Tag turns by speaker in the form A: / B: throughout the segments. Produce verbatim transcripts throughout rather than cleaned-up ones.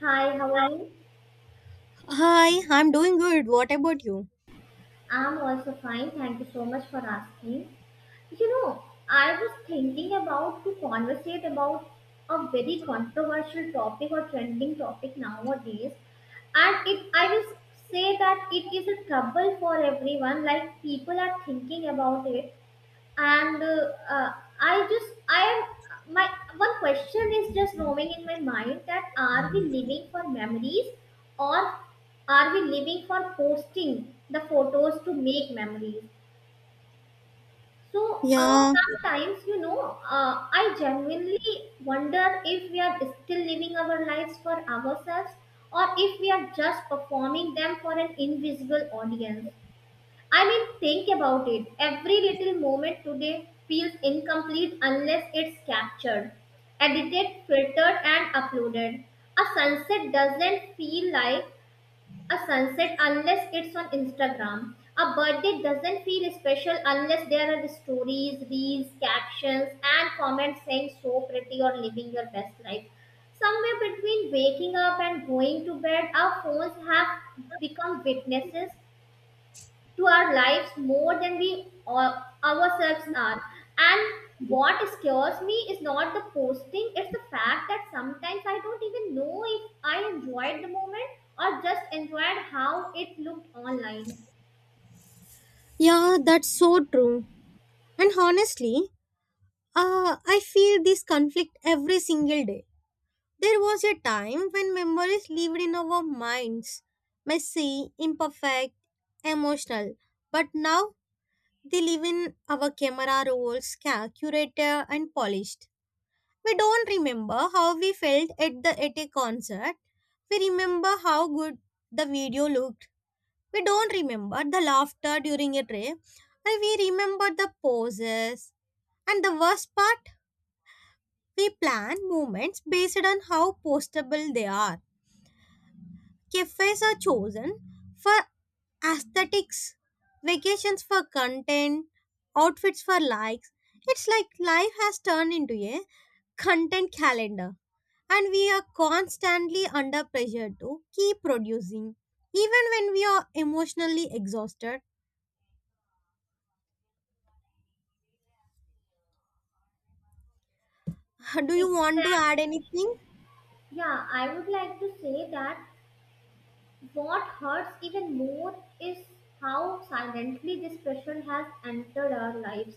A: Hi, how are you?
B: Hi, I'm doing good. What about you?
A: I'm also fine. Thank you so much for asking. You know, I was thinking about to conversate about a very controversial topic or trending topic nowadays. And it I will say that it is a trouble for everyone. Like people are thinking about it and uh, uh, I just I am my one question is just roaming in my mind that are we living for memories or are we living for posting the photos to make memories. So uh,
B: Yeah,
A: sometimes you know uh, I genuinely wonder if we are still living our lives for ourselves or if we are just performing them for an invisible audience. I mean, think about it. Every little moment today feels incomplete unless it's captured, edited, filtered, and uploaded. A sunset doesn't feel like a sunset unless it's on Instagram. A birthday doesn't feel special unless there are stories, reels, captions, and comments saying so pretty or living your best life. Somewhere between waking up and going to bed, our phones have become witnesses to our lives more than we or ourselves are. And what scares me is not the posting, it's the fact that sometimes I don't even know if I enjoyed the moment or just enjoyed how it looked online.
B: yeah, that's so true. And honestly, uh, I feel this conflict every single day. There was a time when memories lived in our minds, messy, imperfect, emotional. But now they live in our camera rolls, ca- curator, and polished. We don't remember how we felt at the at a concert. We remember how good the video looked. We don't remember the laughter during a trip, but we remember the poses. And the worst part, we plan movements based on how postable they are. Cafes are chosen for aesthetics, vacations for content, outfits for likes. It's like life has turned into a content calendar, and we are constantly under pressure to keep producing, even when we are emotionally exhausted. Do you want to add
A: Exactly.
B: anything?
A: Yeah, I would like to say that what hurts even more is how silently this pressure has entered our lives.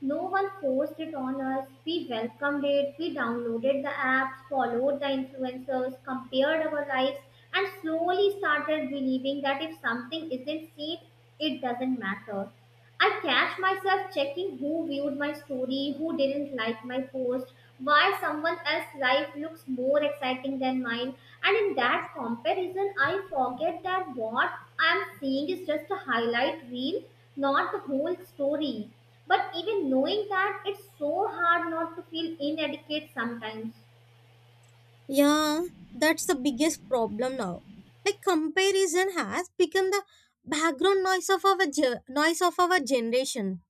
A: No one forced it on us. We welcomed it, we downloaded the apps, followed the influencers, compared our lives, and slowly started believing that if something isn't seen, it doesn't matter. I catch myself checking who viewed my story, who didn't like my post, why someone else's life looks more exciting than mine. And in that comparison, I forget that what I'm seeing is just a highlight reel, not the whole story. But even knowing that, it's so hard not to feel inadequate sometimes.
B: Yeah, that's the biggest problem now. Like comparison has become the background noise of our ge- noise of our generation.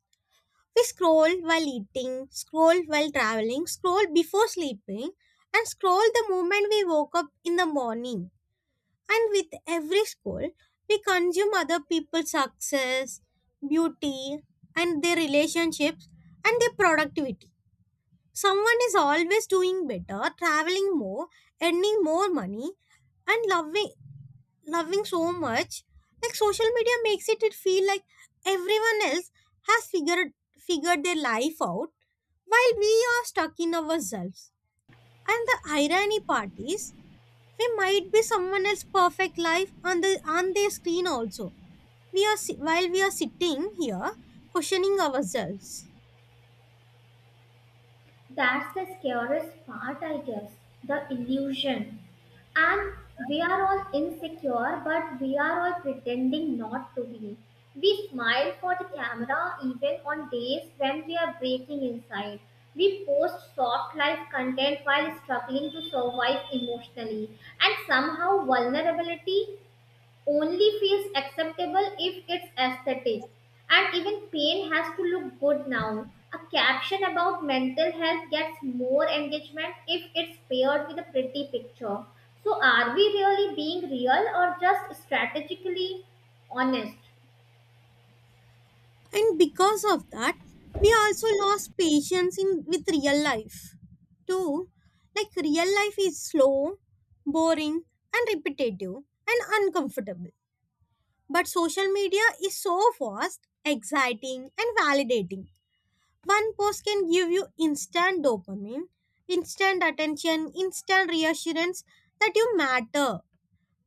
B: We scroll while eating, scroll while traveling, scroll before sleeping, and scroll the moment we woke up in the morning. And with every scroll, we consume other people's success, beauty, and their relationships and their productivity. Someone is always doing better, traveling more, earning more money, and loving loving so much. Like social media makes it, it feel like everyone else has figured figured their life out while we are stuck in ourselves. And the irony part is we might be someone else's perfect life on the on their screen also. We are si- while we are sitting here questioning ourselves.
A: That's the scariest part, I guess. The illusion. And we are all insecure, but we are all pretending not to be. We smile for the camera even on days when we are breaking inside. We post soft life content while struggling to survive emotionally. And somehow, vulnerability only feels acceptable if it's aesthetic. And even pain has to look good now. A caption about mental health gets more engagement if it's paired with a pretty picture. So, are we really being real or just strategically honest?
B: And because of that, we also lost patience in with real life too. Like real life is slow, boring, and repetitive, and uncomfortable. But social media is so fast, exciting, and validating. One post can give you instant dopamine, instant attention, instant reassurance that you matter.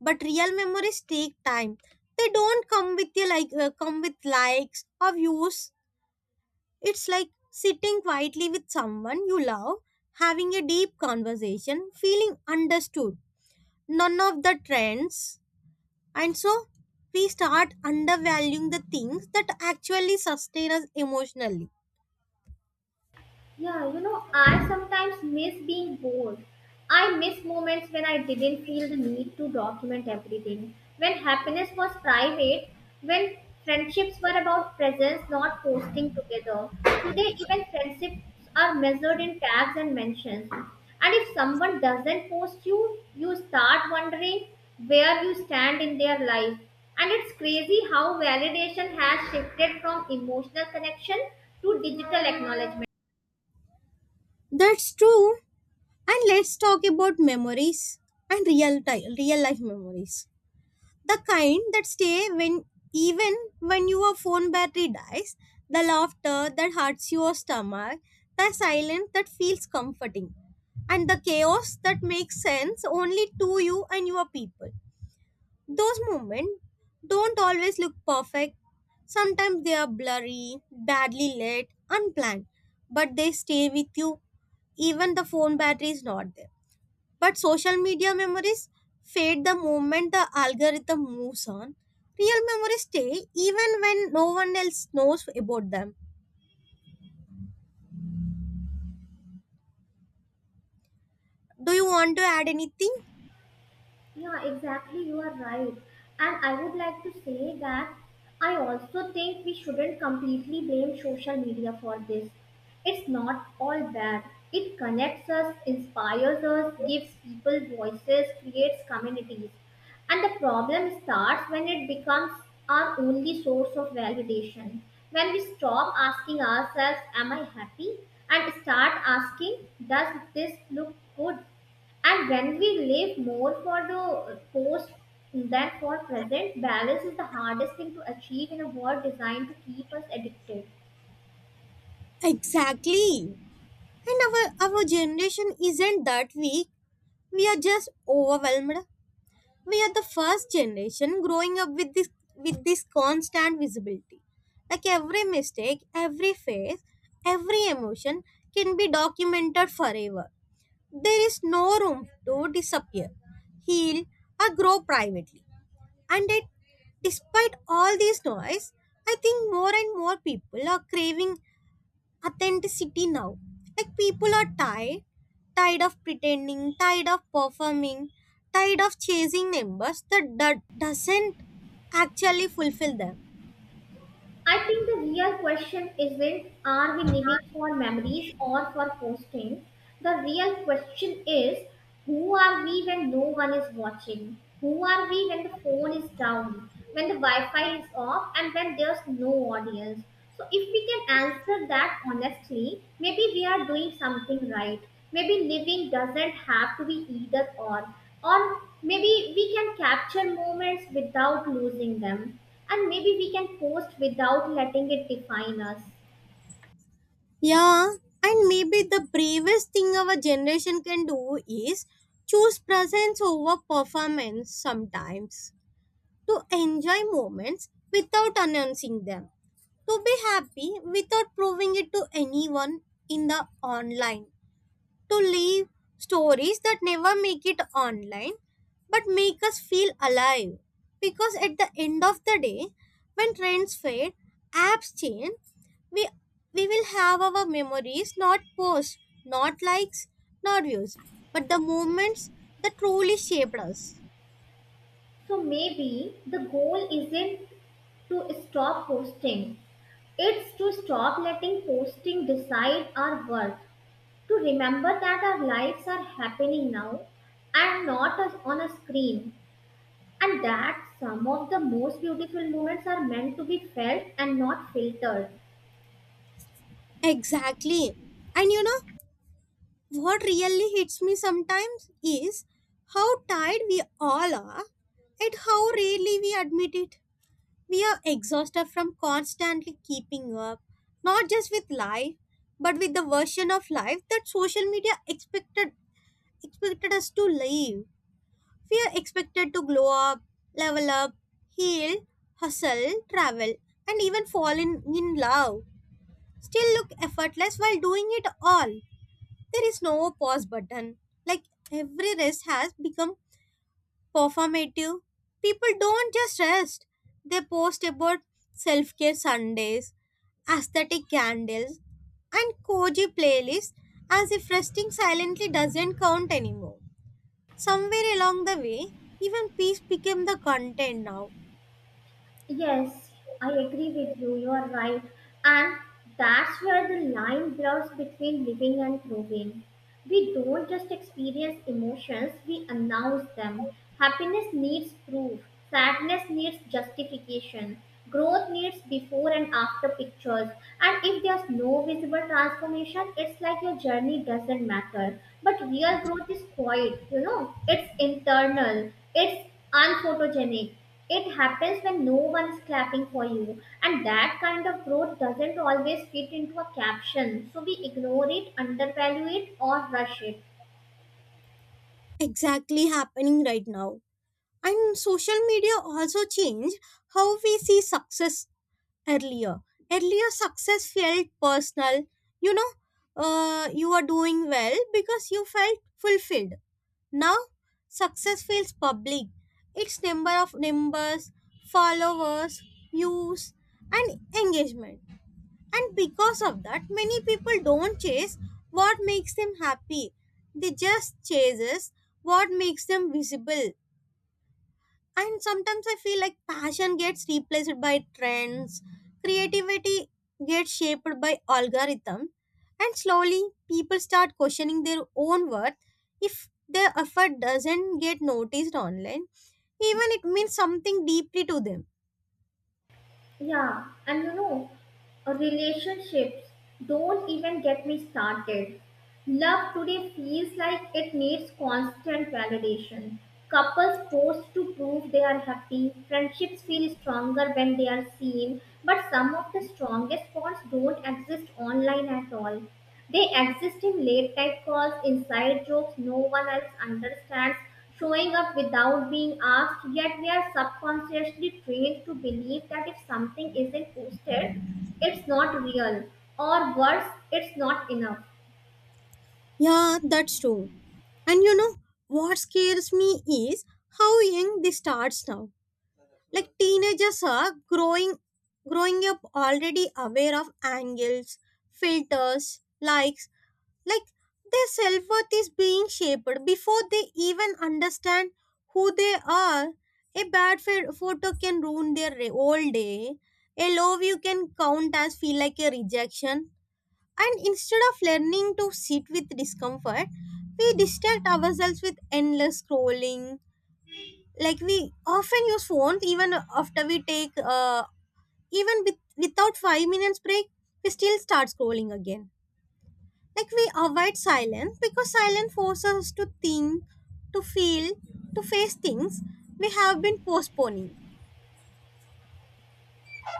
B: But real memories take time. They don't come with you like uh, come with likes or views. It's like sitting quietly with someone you love, having a deep conversation, feeling understood. None of the trends. And so we start undervaluing the things that actually sustain us emotionally.
A: Yeah, you know, I sometimes miss being bored. I miss moments when I didn't feel the need to document everything, when happiness was private, when friendships were about presence, not posting together. Today, even friendships are measured in tags and mentions. And if someone doesn't post you, you start wondering where you stand in their life. And it's crazy how validation has shifted from emotional connection to digital acknowledgement.
B: That's true. And let's talk about memories and real time, real life memories. The kind that stay when even when your phone battery dies, the laughter that hurts your stomach, the silence that feels comforting, and the chaos that makes sense only to you and your people. Those moments don't always look perfect. Sometimes they are blurry, badly lit, unplanned, but they stay with you even the phone battery is not there. But social media memories fade the moment the algorithm moves on. Real memories stay even when no one else knows about them. Do you want to add anything?
A: Yeah, exactly. You are right. And I would like to say that I also think we shouldn't completely blame social media for this. It's not all bad. It connects us, inspires us, gives people voices, creates communities. And the problem starts when it becomes our only source of validation. When we stop asking ourselves, am I happy? And start asking, does this look good? And when we live more for the post than for present, balance is the hardest thing to achieve in a world designed to keep us addicted.
B: Exactly. And our, our generation isn't that weak. We are just overwhelmed. We are the first generation growing up with this with this constant visibility. Like every mistake, every phase, every emotion can be documented forever. There is no room to disappear, heal, or grow privately. And yet, despite all this noise, I think more and more people are craving authenticity now. Like people are tired, tired of pretending, tired of performing, tired of chasing numbers that do- doesn't actually fulfill them.
A: I think the real question isn't are we living for memories or for posting? The real question is who are we when no one is watching? Who are we when the phone is down, when the Wi Fi is off, and when there's no audience? So, if we can answer that honestly, maybe we are doing something right. Maybe living doesn't have to be either or or maybe we can capture moments without losing them, and maybe we can post without letting it define us.
B: Yeah, and maybe the bravest thing our generation can do is choose presence over performance sometimes, to enjoy moments without announcing them, to be happy without proving it to anyone in the online, to leave stories that never make it online but make us feel alive. Because at the end of the day, when trends fade, apps change, we, we will have our memories, not posts, not likes, not views, but the moments that truly shaped us.
A: So maybe the goal isn't to stop posting, it's to stop letting posting decide our worth, to remember that our lives are happening now and not as on a screen, and that some of the most beautiful moments are meant to be felt and not filtered.
B: Exactly. And you know, what really hits me sometimes is how tired we all are and how rarely we admit it. We are exhausted from constantly keeping up, not just with life, but with the version of life that social media expected expected us to live. We are expected to glow up, level up, heal, hustle, travel, and even fall in, in love. Still look effortless while doing it all. There is no pause button. Like every rest has become performative. People don't just rest, they post about self care Sundays, aesthetic candles, and cozy playlists as if resting silently doesn't count anymore. Somewhere along the way, even peace became the content now.
A: Yes, I agree with you. You are right. And that's where the line blurs between living and proving. We don't just experience emotions, we announce them. Happiness needs proof, sadness needs justification, growth needs before and after pictures. And if there's no visible transformation, it's like your journey doesn't matter. But real growth is quiet, you know, it's internal, it's unphotogenic. It happens when no one's clapping for you, and that kind of growth doesn't always fit into a caption. So we ignore it, undervalue it, or rush it.
B: Exactly, happening right now. And social media also changed how we see success earlier. Earlier, success felt personal. You know, uh, you are doing well because you felt fulfilled. Now, success feels public. It's number of numbers, followers, views, and engagement. And because of that, many people don't chase what makes them happy. They just chases what makes them visible. And sometimes I feel like passion gets replaced by trends, creativity gets shaped by algorithm, and slowly people start questioning their own worth if their effort doesn't get noticed online. Even it means something deeply to them.
A: Yeah, and you know, relationships don't even get me started. Love today feels like it needs constant validation. Couples post to prove they are happy. Friendships feel stronger when they are seen. But some of the strongest bonds don't exist online at all. They exist in late night calls, inside jokes no one else understands, showing up without being asked, yet we are subconsciously trained to believe that if something isn't posted, it's not real, or worse, it's not enough.
B: Yeah, that's true. And you know what scares me is how young this starts now. Like teenagers are growing growing up already aware of angles, filters, likes. Like their self worth is being shaped before they even understand who they are. A bad ph- photo can ruin their re- whole day. A low view can count as feel like a rejection. And instead of learning to sit with discomfort, we distract ourselves with endless scrolling. Like we often use phones even after we take, uh, even with, without five minutes break, we still start scrolling again. Like we avoid silence because silence forces us to think, to feel, to face things we have been postponing.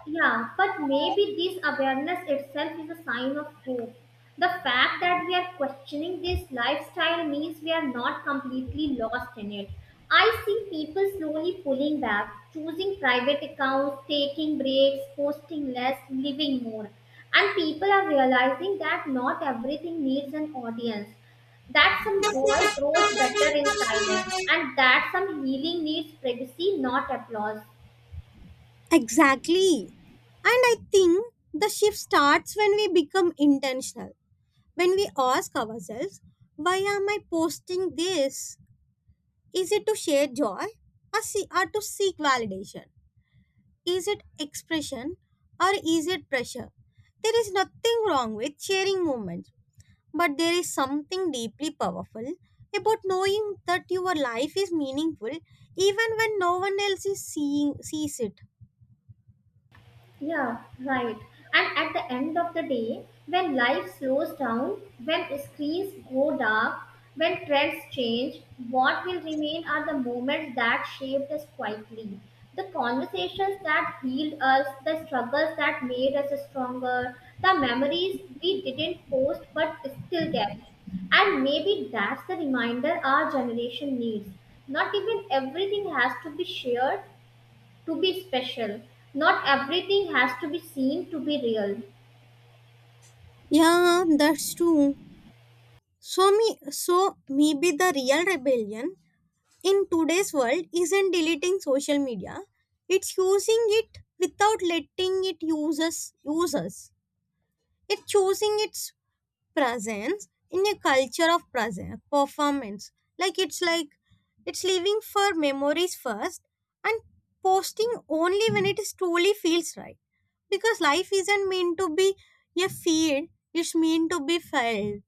A: Yeah, but maybe this awareness itself is a sign of hope. The fact that we are questioning this lifestyle means we are not completely lost in it. I see people slowly pulling back, choosing private accounts, taking breaks, posting less, living more. And people are realizing that not everything needs an audience, that some joy grows better in silence, and that some healing needs privacy, not applause.
B: Exactly. And I think the shift starts when we become intentional, when we ask ourselves, why am I posting this? Is it to share joy, or, see, or to seek validation? Is it expression or is it pressure? There is nothing wrong with sharing moments, but there is something deeply powerful about knowing that your life is meaningful even when no one else is seeing sees it.
A: Yeah, right. And at the end of the day, when life slows down, when screens go dark, when trends change, what will remain are the moments that shaped us quietly. The conversations that healed us, the struggles that made us stronger, the memories we didn't post but still carry. And maybe that's the reminder our generation needs. Not even everything has to be shared, to be special. Not everything has to be seen to be real.
B: Yeah, that's true. So me so maybe the real rebellion in today's world isn't deleting social media. It's using it without letting it use us use us. It's choosing its presence in a culture of present performance, like it's like it's living for memories first, and posting only when it is truly feels right, because life isn't meant to be a feed. It's meant to be felt.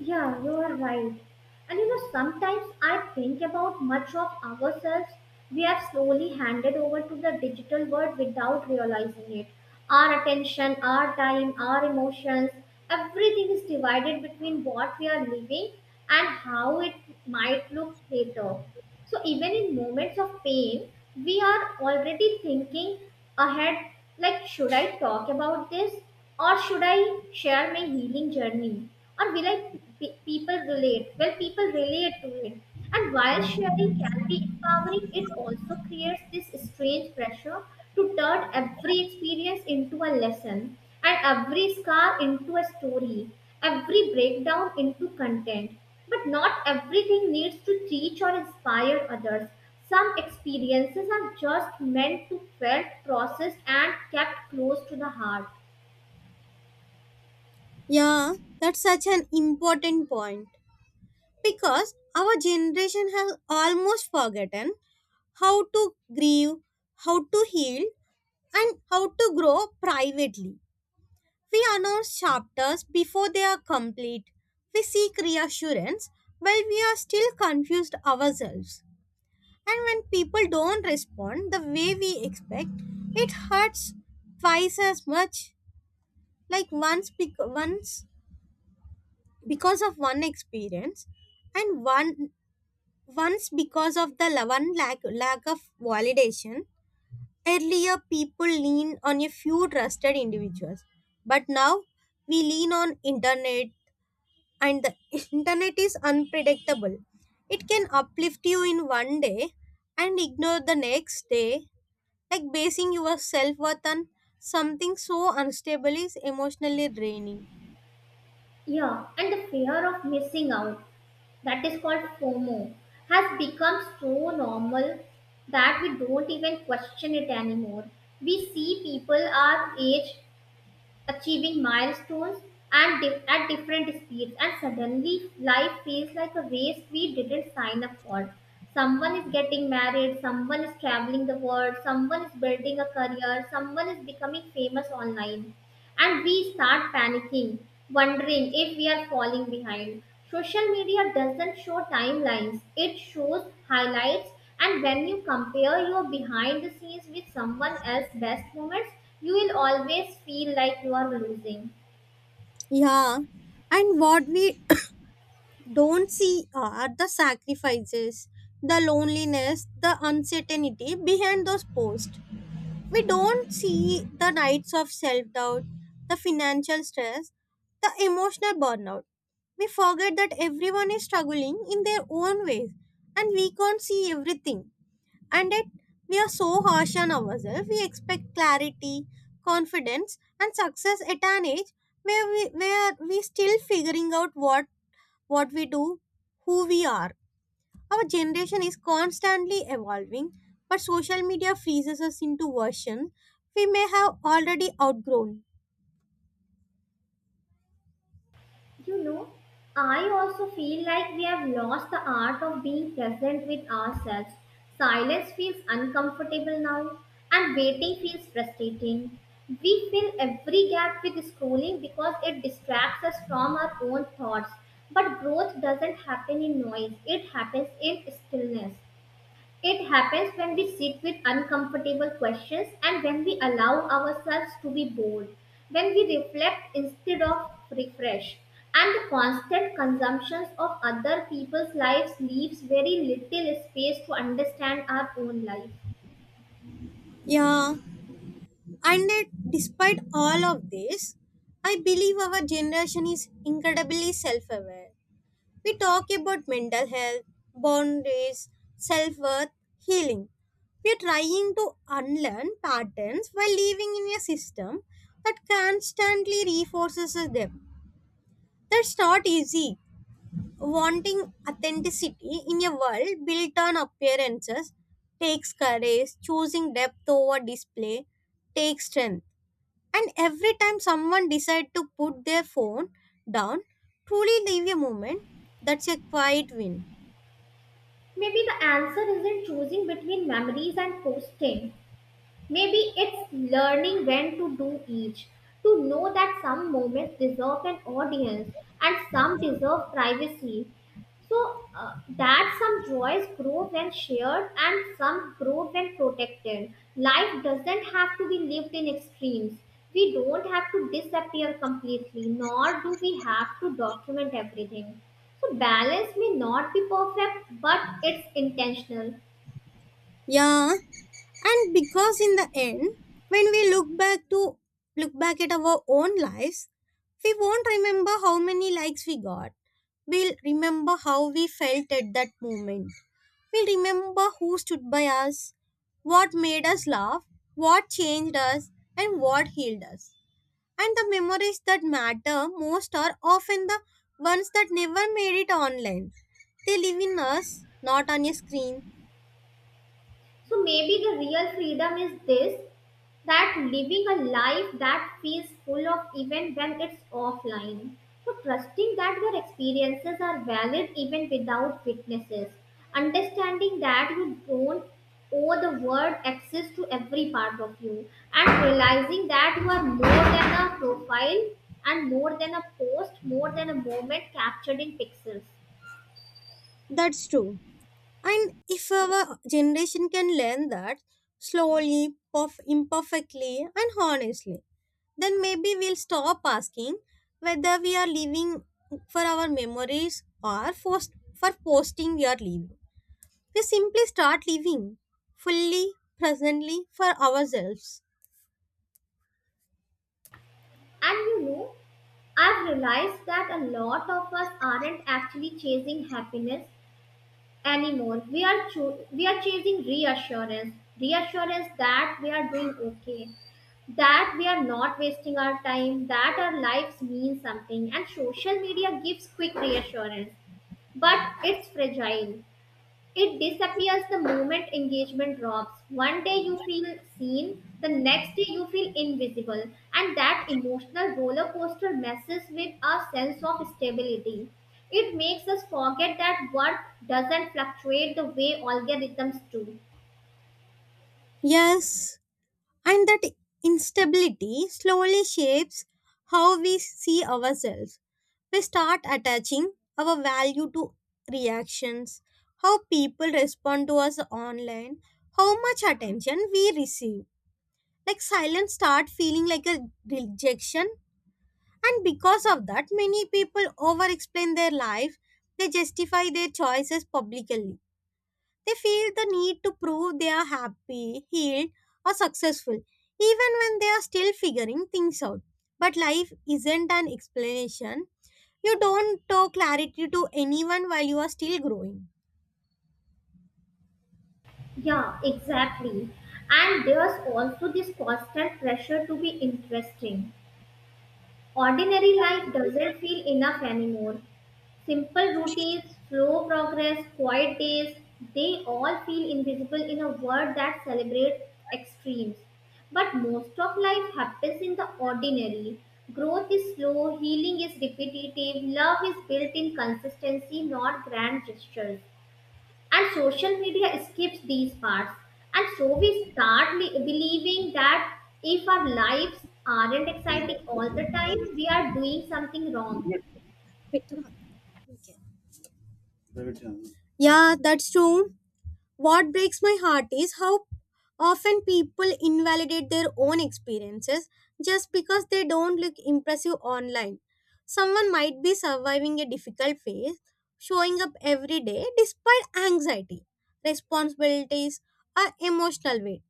A: Yeah, you are right. And you know, sometimes I think about much of ourselves we have slowly handed over to the digital world without realizing it. Our attention, our time, our emotions, everything is divided between what we are living and how it might look later. So, even in moments of pain, we are already thinking ahead. Like, should I talk about this? Or should I share my healing journey? Or will I pe- people relate? Well, people relate to it. And while sharing can be empowering, it also creates this strange pressure to turn every experience into a lesson and every scar into a story, every breakdown into content. But not everything needs to teach or inspire others. Some experiences are just meant to felt, processed, and kept close to the heart.
B: Yeah, that's such an important point, because our generation has almost forgotten how to grieve, how to heal, and how to grow privately. We announce chapters before they are complete. We seek reassurance while we are still confused ourselves. And when people don't respond the way we expect, it hurts twice as much. Like once, bec- once because of one experience, and one once because of the la- one lack lack of validation. Earlier, people lean on a few trusted individuals, but now we lean on internet and the internet is unpredictable. It can uplift you in one day and ignore the next day. Like basing your self worth on something so unstable is emotionally draining.
A: Yeah, and the fear of missing out, that is called FOMO, has become so normal that we don't even question it anymore. We see people our age achieving milestones and di- at different speeds, and suddenly life feels like a race we didn't sign up for. Someone is getting married, someone is traveling the world, someone is building a career, someone is becoming famous online, and we start panicking, wondering if we are falling behind. Social media doesn't show timelines, it shows highlights, and when you compare your behind the scenes with someone else's best moments, you will always feel like you are losing.
B: Yeah, and what we don't see are the sacrifices, the loneliness, the uncertainty behind those posts. We don't see the nights of self doubt, the financial stress, the emotional burnout. We forget that everyone is struggling in their own ways and we can't see everything. And yet, we are so harsh on ourselves. We expect clarity, confidence, and success at an age where we, where we still figuring out what, what we do, who we are. Our generation is constantly evolving, but social media freezes us into versions we may have already outgrown.
A: You know, I also feel like we have lost the art of being present with ourselves. Silence feels uncomfortable now, and waiting feels frustrating. We fill every gap with scrolling because it distracts us from our own thoughts. But growth doesn't happen in noise, it happens in stillness. It happens when we sit with uncomfortable questions and when we allow ourselves to be bold, when we reflect instead of refresh. And the constant consumptions of other people's lives leaves very little space to understand our own life.
B: Yeah, and yet, despite all of this, I believe our generation is incredibly self aware. We talk about mental health, boundaries, self worth, healing. We are trying to unlearn patterns while living in a system that constantly reinforces them. That's not easy. Wanting authenticity in a world built on appearances takes courage, choosing depth over display takes strength. And every time someone decides to put their phone down, truly leave a moment, that's a quiet win.
A: Maybe the answer isn't choosing between memories and posting. Maybe it's learning when to do each, to know that some moments deserve an audience and some deserve privacy. So uh, that some joys grow when shared and some grow when protected. Life doesn't have to be lived in extremes. We don't have to disappear completely, nor do we have to document everything. So balance may not be perfect, but it's intentional.
B: Yeah, and because in the end, when we look back to look back at our own lives, we won't remember how many likes we got. We'll remember how we felt at that moment. We will remember who stood by us, what made us laugh, what changed us, and what healed us. And the memories that matter most are often the ones that never made it online. They live in us, not on a screen.
A: So maybe the real freedom is this, that living a life that feels full of even when it's offline. So trusting that your experiences are valid even without witnesses. Understanding that you don't owe the world access to every part of you, and realizing that you are more than a profile and more than a post, more than a moment captured in pixels.
B: That's true. And if our generation can learn that slowly, perf- imperfectly, and honestly, then maybe we'll stop asking whether we are living for our memories or for for posting we are living. We simply start living fully, presently for ourselves.
A: And you know, I've realized that a lot of us aren't actually chasing happiness anymore. We are cho- we are chasing reassurance, reassurance that we are doing okay, that we are not wasting our time, that our lives mean something. And social media gives quick reassurance, but it's fragile. It disappears the moment engagement drops. One day you feel seen, the next day you feel invisible, and that emotional roller coaster messes with our sense of stability. It makes us forget that worth doesn't fluctuate the way algorithms do.
B: Yes, and that instability slowly shapes how we see ourselves. We start attaching our value to reactions, how people respond to us online, how much attention we receive. Like silence start feeling like a rejection. And because of that, many people over explain their life. They justify their choices publicly. They feel the need to prove they are happy, healed, or successful even when they are still figuring things out. But life isn't an explanation. You don't talk clarity to anyone while you are still growing.
A: Yeah, exactly. And there's also this constant pressure to be interesting. Ordinary life doesn't feel enough anymore. Simple routines, slow progress, quiet days, they all feel invisible in a world that celebrates extremes. But most of life happens in the ordinary. Growth is slow, healing is repetitive, love is built in consistency, not grand gestures. And social media skips these parts. And so we start li- believing that if our lives aren't exciting all the time, we are doing something wrong.
B: Yeah, that's true. What breaks my heart is how often people invalidate their own experiences just because they don't look impressive online. Someone might be surviving a difficult phase, showing up every day despite anxiety, responsibilities, or emotional weight,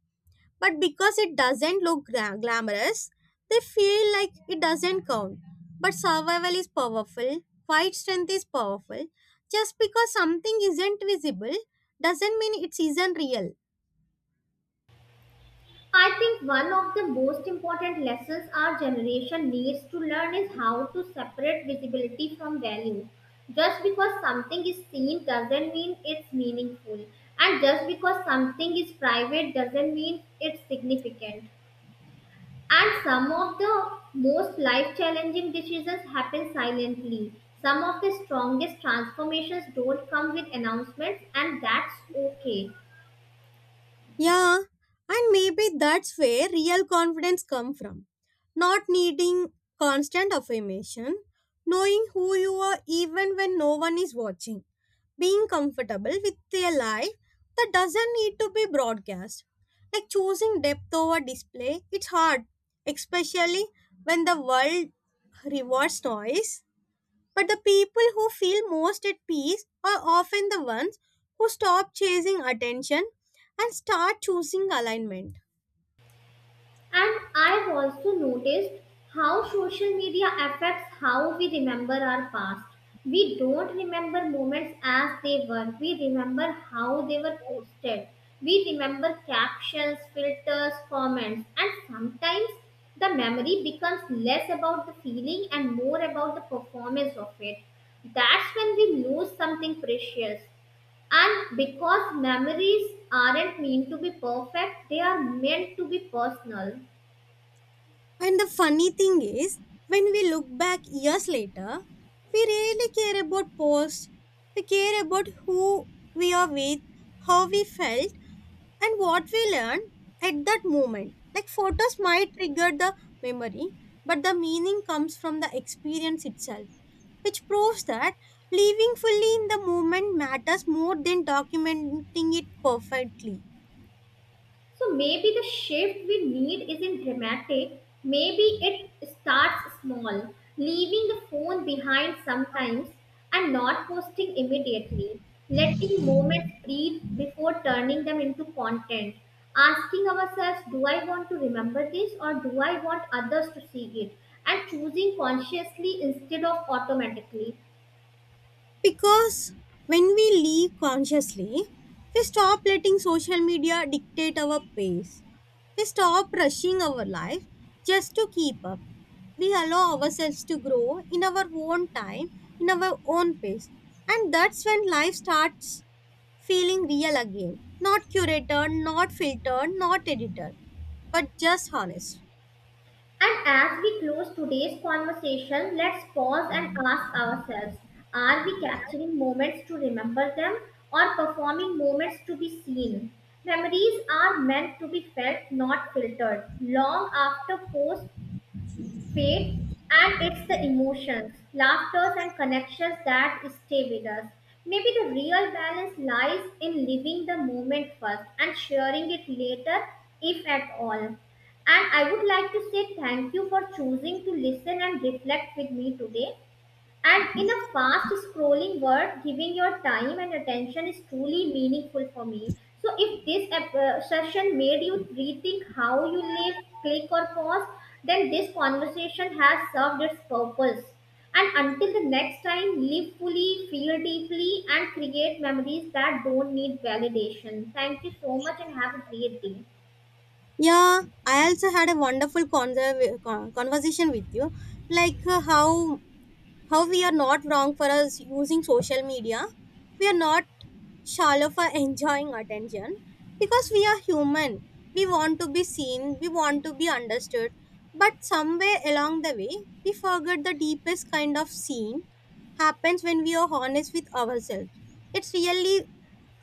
B: but because it doesn't look gra- glamorous, they feel like it doesn't count. But survival is powerful, fight strength is powerful. Just because something isn't visible doesn't mean it isn't real.
A: I think one of the most important lessons our generation needs to learn is how to separate visibility from value. Just because something is seen doesn't mean it's meaningful, and just because something is private doesn't mean it's significant. And some of the most life challenging decisions happen silently. Some of the strongest transformations don't come with announcements, and that's okay.
B: Yeah, and maybe that's where real confidence comes from. Not needing constant affirmation, knowing who you are even when no one is watching. Being comfortable with a life that doesn't need to be broadcast. Like choosing depth over display, it's hard, especially when the world rewards noise. But the people who feel most at peace are often the ones who stop chasing attention and start choosing alignment.
A: And I've also noticed how social media affects how we remember our past. We don't remember moments as they were, we remember how they were posted. We remember captions, filters, comments, and sometimes the memory becomes less about the feeling and more about the performance of it. That's when we lose something precious. And because memories aren't meant to be perfect, they are meant to be personal.
B: And the funny thing is, when we look back years later, we really care about posts. We care about who we are with, how we felt, and what we learned at that moment. Like photos might trigger the memory, but the meaning comes from the experience itself, which proves that living fully in the moment matters more than documenting it perfectly.
A: So maybe the shift we need isn't dramatic. Maybe it starts small, leaving the phone behind sometimes and not posting immediately, letting moments breathe before turning them into content, asking ourselves, do I want to remember this or do I want others to see it? And choosing consciously instead of automatically.
B: Because when we leave consciously, we stop letting social media dictate our pace. We stop rushing our life just to keep up. We allow ourselves to grow in our own time, in our own pace. And that's when life starts feeling real again. Not curated, not filtered, not edited, but just honest.
A: And as we close today's conversation, let's pause and ask ourselves, are we capturing moments to remember them or performing moments to be seen? Memories are meant to be felt, not filtered. Long after post faith, and it's the emotions, laughters, and connections that stay with us. Maybe the real balance lies in living the moment first and sharing it later, if at all. And I would like to say thank you for choosing to listen and reflect with me today. And in a fast scrolling world, giving your time and attention is truly meaningful for me. So, if this ep- uh, session made you rethink how you live, click, or pause, then this conversation has served its purpose. And until the next time, live fully, feel deeply, and create memories that don't need validation. Thank you so much and have a great day.
B: Yeah, I also had a wonderful conver- con- conversation with you, like uh, how how we are not wrong for us using social media. We are not shallow for enjoying attention because we are human. We want to be seen, we want to be understood. But somewhere along the way, we forget the deepest kind of scene happens when we are honest with ourselves. It's really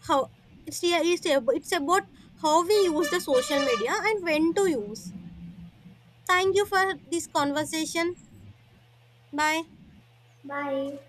B: how it's really it's it's about how we use the social media and when to use. Thank you for this conversation. Bye.
A: Bye.